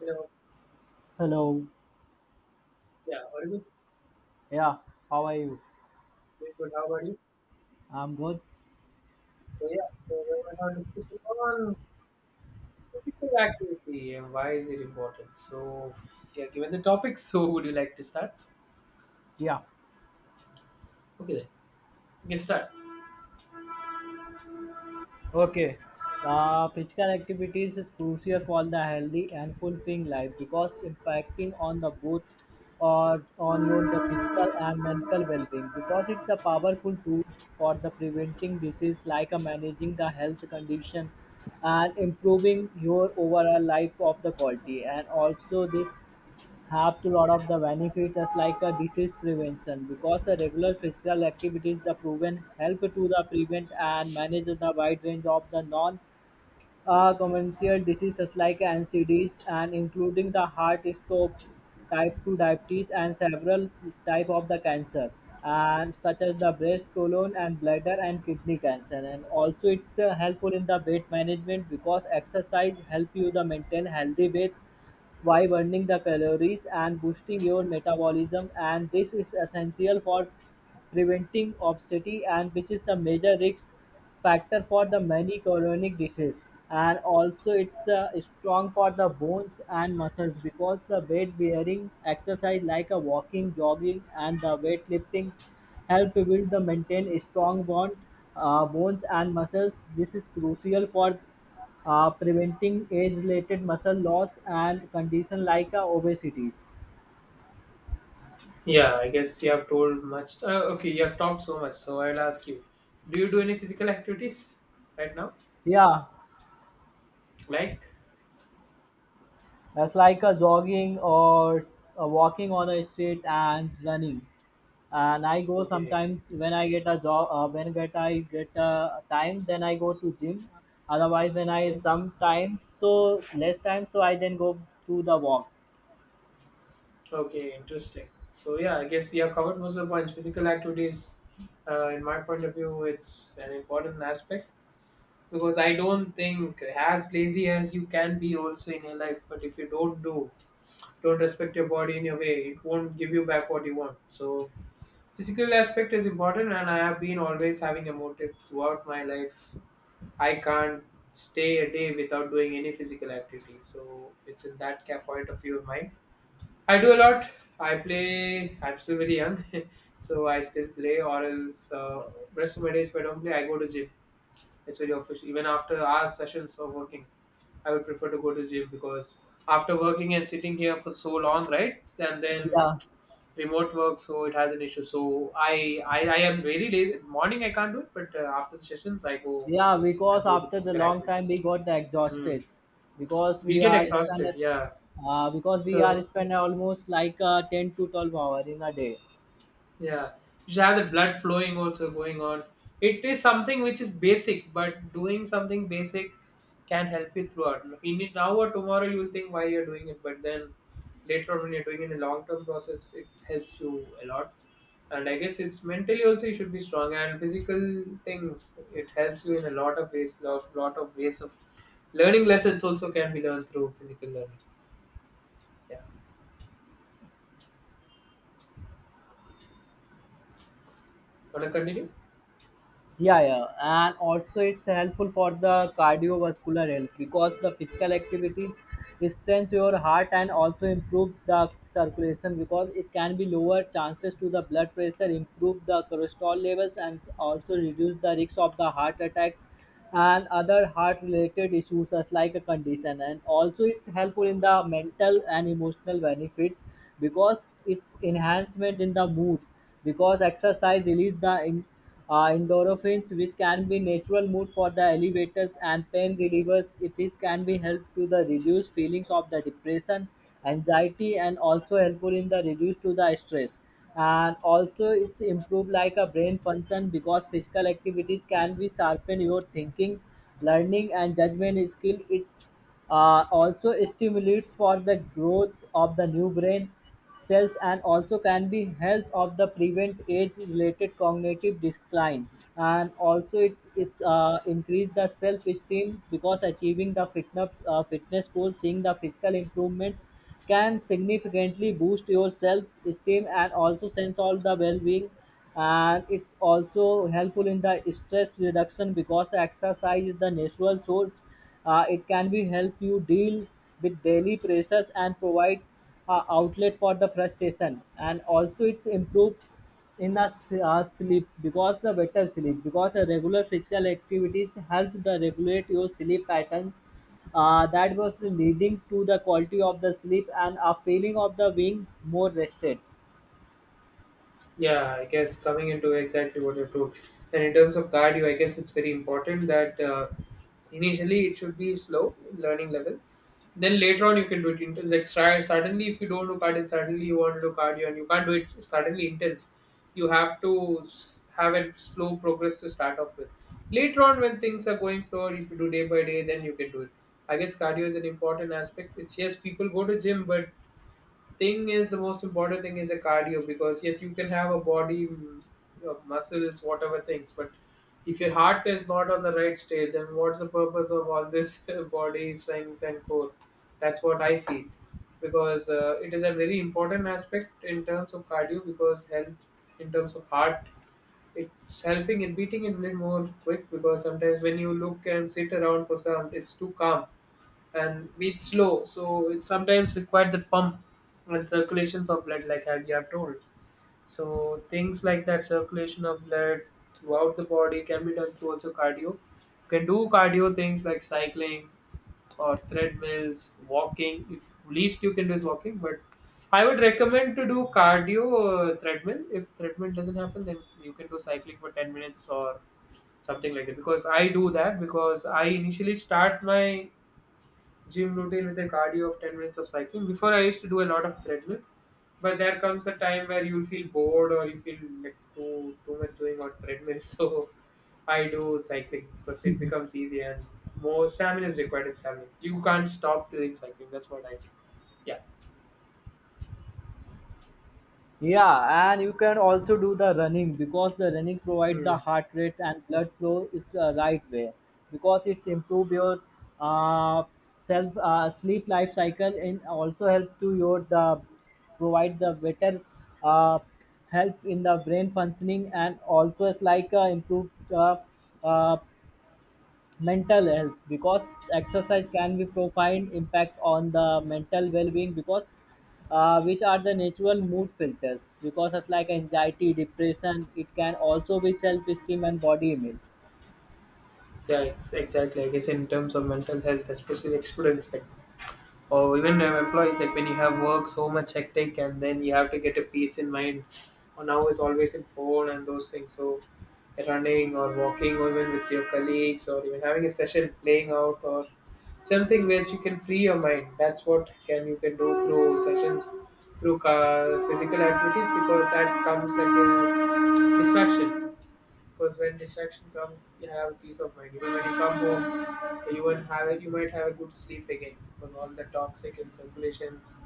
You? Hello. Yeah, all good, Yeah. How are you? very good. How about you? I'm good. So yeah, so we were now discussing on physical activity and why is it important. Given the topic, so would you like to start? Yeah. Okay, then you can start. Okay. The physical activities is crucial for the healthy and fulfilling life because impacting on the both or on your the physical and mental well-being because it's a powerful tool for the preventing disease like a managing the health condition and improving your overall life of the quality, and also this have to lot of the benefits as like a disease prevention because the regular physical activities the proven help to the prevent and manage the wide range of the non communicable diseases like NCDs and including the heart stroke, type 2 diabetes, and several type of the cancer and such as the breast, colon and bladder and kidney cancer. And also it's helpful in the weight management because exercise help you the maintain healthy weight while burning the calories and boosting your metabolism, and this is essential for preventing obesity and which is the major risk factor for the many chronic diseases. And also it's strong for the bones and muscles because the weight bearing exercise like a walking, jogging and the weightlifting help build the maintain strong bond bones and muscles. This is crucial for preventing age-related muscle loss and condition like obesities. Yeah, I guess you have told much. Okay, you have talked so much, so I'll ask you: do you do any physical activities right now? Yeah, Like, that's like a jogging or walking on a street and running. And I go okay. sometimes when I get a job, when get a time, then I go to gym. Otherwise, when I Okay, some time, so less time, so I then go to the walk. okay, interesting. So yeah, I guess you have covered most of the points. Physical activities, in my point of view, it's an important aspect because I don't think as lazy as you can be also in your life, but if you don't respect your body in your way, it won't give you back what you want. So physical aspect is important, and I have been always having a motive throughout my life. I can't stay a day without doing any physical activity. So it's in that point of view of mine. I do a lot. I play. I'm still very young, so I still play. Or else, rest of my days if I don't play, I go to gym. It's very official. Even after our sessions of working, I would prefer to go to gym because after working and sitting here for so long, right? And then Yeah. remote work, so it has an issue. So I am very late. Morning I can't do it, but after the sessions I go Yeah, and because go to after the physical long activity. time we got Hmm. exhausted because We'll we get are spend exhausted. Yeah. Because we are So spend almost like 10 to 12 hour in a day. yeah, you should have the blood flowing also going on. It is something which is basic, but doing something basic can help you throughout. In it now or tomorrow, you will think why you're doing it, but then later on when you're doing it in a long term process, it helps you a lot. And I guess it's mentally also you should be strong and physical things. It helps you in a lot of ways. Lot of ways of learning lessons also can be learned through physical learning. Yeah, wanna continue? Yeah, yeah, and also it's helpful for the cardiovascular health because the physical activity strengthens your heart and also improve the circulation because it can be lower chances to the blood pressure, improve the cholesterol levels, and also reduce the risk of the heart attacks and other heart related issues as like a condition. And also it's helpful in the mental and emotional benefits because it's enhancement in the mood because exercise release the endorphins which can be natural mood for the elevators and pain relievers. It is can be help to the reduce feelings of the depression, anxiety, and also helpful in the reduce to the stress. And also it's improve like a brain function because physical activities can be sharpen your thinking, learning and judgment skill. It also stimulates for the growth of the new brain cells and also can be help of the prevent age related cognitive decline. And also it increase the self esteem because achieving the fitness goal, seeing the physical improvement can significantly boost your self-esteem and also sense of the well-being. And it's also helpful in the stress reduction because exercise is the natural source. It can be help you deal with daily pressures and provide outlet for the frustration. And also it's improve in the sleep because the better sleep, because the regular physical activities help the regulate your sleep patterns, that was leading to the quality of the sleep and a feeling of the being more rested. Yeah, I guess coming into exactly what you told. And in terms of cardio, I guess it's very important that initially it should be slow in learning level. Then later on you can do it intense. Like try suddenly if you don't do cardio, suddenly you want to do cardio and you can't do it suddenly intense. You have to have a slow progress to start off with. Later on when things are going slower, if you do day by day, then you can do it. I guess cardio is an important aspect which yes people go to gym, but thing is the most important thing is a cardio because yes you can have a body, muscles whatever things, but if your heart is not on the right state, then what's the purpose of all this body strength and core? That's what I feel, because it is a very important aspect in terms of cardio because health in terms of heart, it's helping in beating it a little more quick because sometimes when you look and sit around for some, it's too calm and beats slow. So it sometimes requires the pump and circulations of blood, like you have told. So things like that, circulation of blood throughout the body can be done through also cardio. You can do cardio things like cycling or treadmills, walking. If least you can do is walking, but I would recommend to do cardio treadmill. If treadmill doesn't happen, then you can do cycling for 10 minutes or something like that. Because I do that because I initially start my gym routine with a cardio of 10 minutes of cycling. Before I used to do a lot of treadmill, but there comes a time where you feel bored or you feel like too much doing on treadmill. So I do cycling because it becomes easy and more stamina is required in cycling. You can't stop doing cycling. That's what I think. Yeah. Yeah, and you can also do the running because the running provides the Mm. heart rate and blood flow is the right way because it improve your uh, self sleep life cycle and also help to your the provide the better uh, help in the brain functioning. And also it's like improved uh, mental health because exercise can be profound impact on the mental well-being because which are the natural mood filters because it's like anxiety, depression. It can also be self-esteem and body image. Yeah, exactly. I guess in terms of mental health, especially the students, like, or even employees, like when you have work so much hectic and then you have to get a peace in mind, or now it's always in phone and those things, so running or walking or even with your colleagues or even having a session playing out or something where you can free your mind, that's what can you can do through sessions through physical activities, because that comes like a distraction. Because when distraction comes, you have peace of mind. Even when you come home, you won't have a, you might have a good sleep again because all the toxic and circulations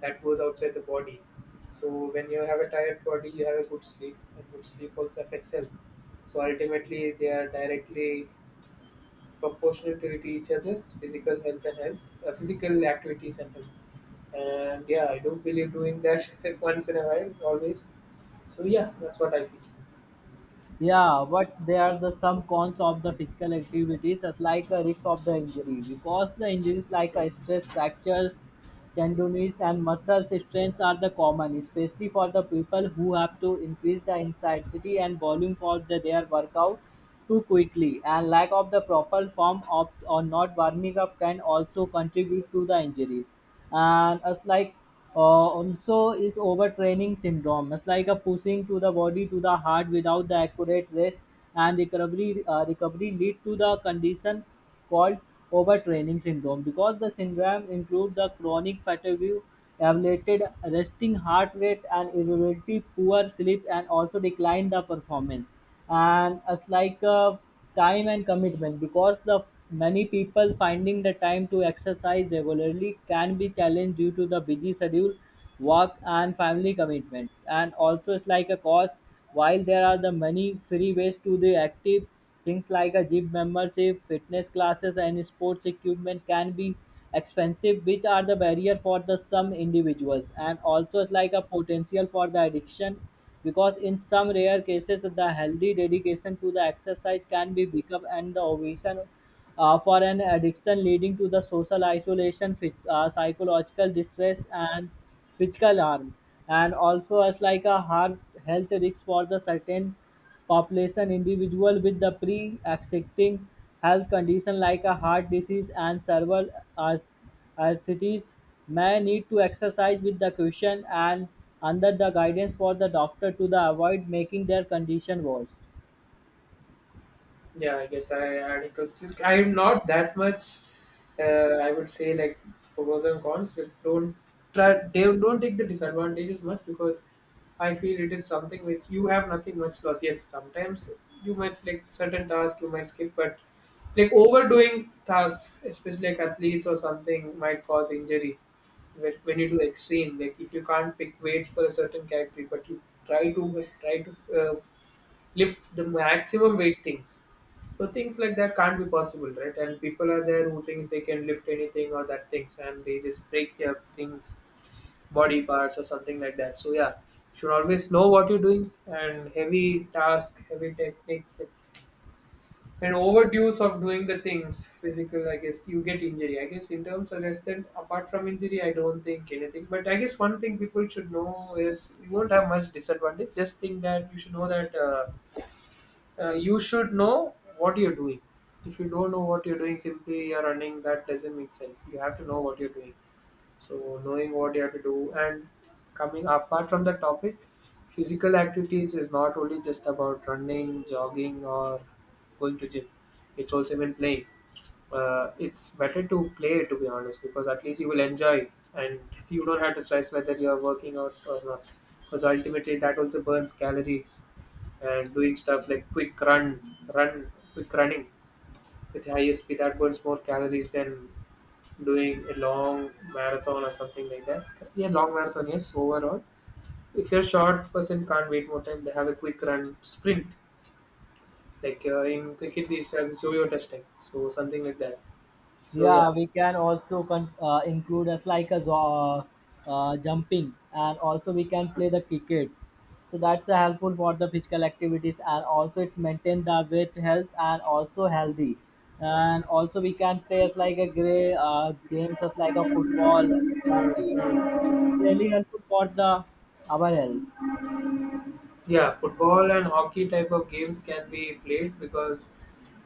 that goes outside the body. So when you have a tired body, you have a good sleep, and good sleep also affects health. So ultimately, they are directly proportional to each other: physical health and health, physical activities and health. And yeah, I do believe doing that once in a while, always. So yeah, that's what I feel. Yeah, but there are the some cons of the physical activities, as like a risk of the injury, because the injuries like a Hmm. stress fractures, tendonitis, and muscle strains are the common, especially for the people who have to increase the intensity and volume for their workout too quickly. And lack of the proper form of or not warming up can also contribute to the injuries. And it's like also is overtraining syndrome. It's like a pushing to the body to the heart without the accurate rest and recovery lead to the condition called overtraining syndrome because the syndrome includes the chronic fatigue, elevated resting heart rate and irritability, poor sleep and also decline the performance. And it's like a time and commitment because the many people finding the time to exercise regularly can be challenged due to the busy schedule, work and family commitments. And also it's like a cost. While there are the many free ways to the active, things like a gym membership, fitness classes, and sports equipment can be expensive, which are the barrier for the some individuals. And also it's like a potential for the addiction, because in some rare cases the healthy dedication to the exercise can be become and the ovation for an addiction leading to the social isolation, psychological distress, and physical harm. And also as like a heart health risk for the certain population, individual with the pre-existing health condition like a heart disease and cerebral ar- arthritis may need to exercise with the caution and under the guidance for the doctor to the avoid making their condition worse. Yeah, I guess I added to Silk. I'm not that much. I would say like pros and cons. But don't try. They don't take the disadvantages much because I feel it is something which you have nothing much loss. Yes, sometimes you might like certain tasks you might skip, but like overdoing tasks, especially like athletes or something, might cause injury. When you do extreme, like if you can't pick weight for a certain category, but you try to uh, lift the maximum weight things. So things like that can't be possible, right? And people are there who thinks they can lift anything or that things, and they just break their things, body parts or something like that. So yeah, should always know what you're doing, and heavy task, heavy techniques, and overdose of doing the things physical. I guess you get injury. I guess in terms of less than apart from injury, I don't think anything. But I guess one thing people should know is you won't have much disadvantage. Just think that you should know that. You should know what you're doing. If you don't know what you're doing, simply you're running, that doesn't make sense. You have to know what you're doing. So, knowing what you have to do and coming apart from the topic, physical activities is not only just about running, jogging, or going to gym. It's also been playing. It's better to play to be honest, because at least you will enjoy and you don't have to stress whether you're working out or not, because ultimately that also burns calories. And doing stuff like quick run run quick running with high speed, that burns more calories than doing a long marathon or something like that. Yeah, long marathon, yes. Overall, if you're short person can't wait more time, they have a quick run sprint. Like in cricket these days it's yo-yo testing, so something like that. So Yeah, yeah. we can also include as like a jumping, and also we can play the cricket. So that's helpful for the physical activities, and also it's maintain the weight health and also healthy. And also we can play as like a gray games as like a football, hockey. It's really helpful for the our health. Yeah, football and hockey type of games can be played because,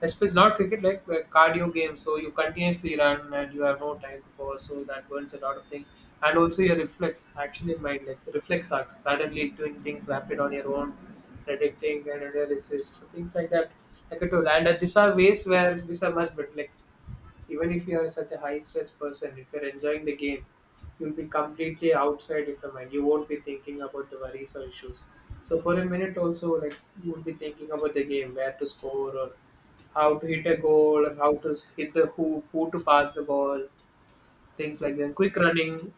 especially not cricket, like cardio games. So you continuously run and you have no time to pause. So that burns a lot of things, and also your reflex actually might like reflex acts suddenly doing things rapid on your own, predicting and analysis, so things like that. Like I told, and these are ways where these are much better. Like even if you are such a high stress person, if you're enjoying the game, you'll be completely outside of your mind. You won't be thinking about the worries or issues. So for a minute also, like you would be thinking about the game, where to score or how to hit a goal or how to hit the hoop, who to pass the ball, things like that. Quick running,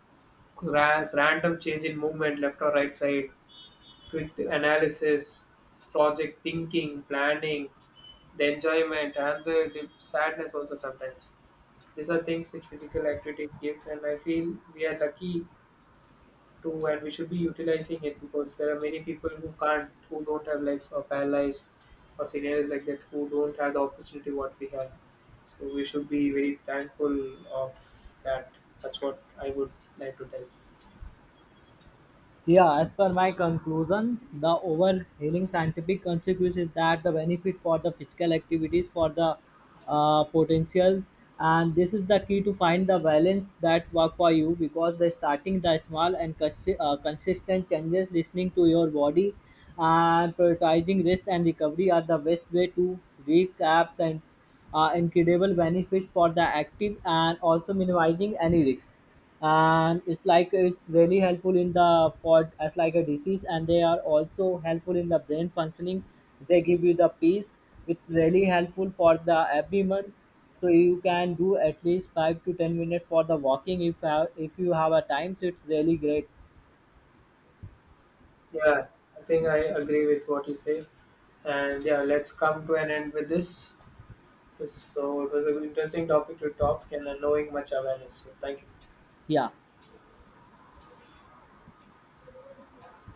grass, random change in movement, left or right side, quick analysis, project thinking, planning, the enjoyment and the sadness also sometimes. These are things which physical activities gives, and I feel we are lucky too, and we should be utilizing it because there are many people who can't, who don't have legs or paralyzed or scenarios like that, who don't have the opportunity what we have. So we should be very thankful of that. That's what I would like to tell. Yeah, as per my conclusion, the overhailing scientific consequence is that the benefit for the physical activities for the potential, and this is the key to find the balance that work for you because the starting the small and consistent changes, listening to your body, and prioritizing rest and recovery are the best way to recap and incredible benefits for the active and also minimizing any risks. And it's like it's really helpful in the for as like a disease, and they are also helpful in the brain functioning. They give you the peace. It's really helpful for the everyone, so you can do at least 5 to 10 minutes for the walking if have, if you have a time, so it's really great. Yeah, I think I agree with what you say. And yeah, let's come to an end with this. So it was an interesting topic to talk and knowing much awareness. So thank you. Yeah.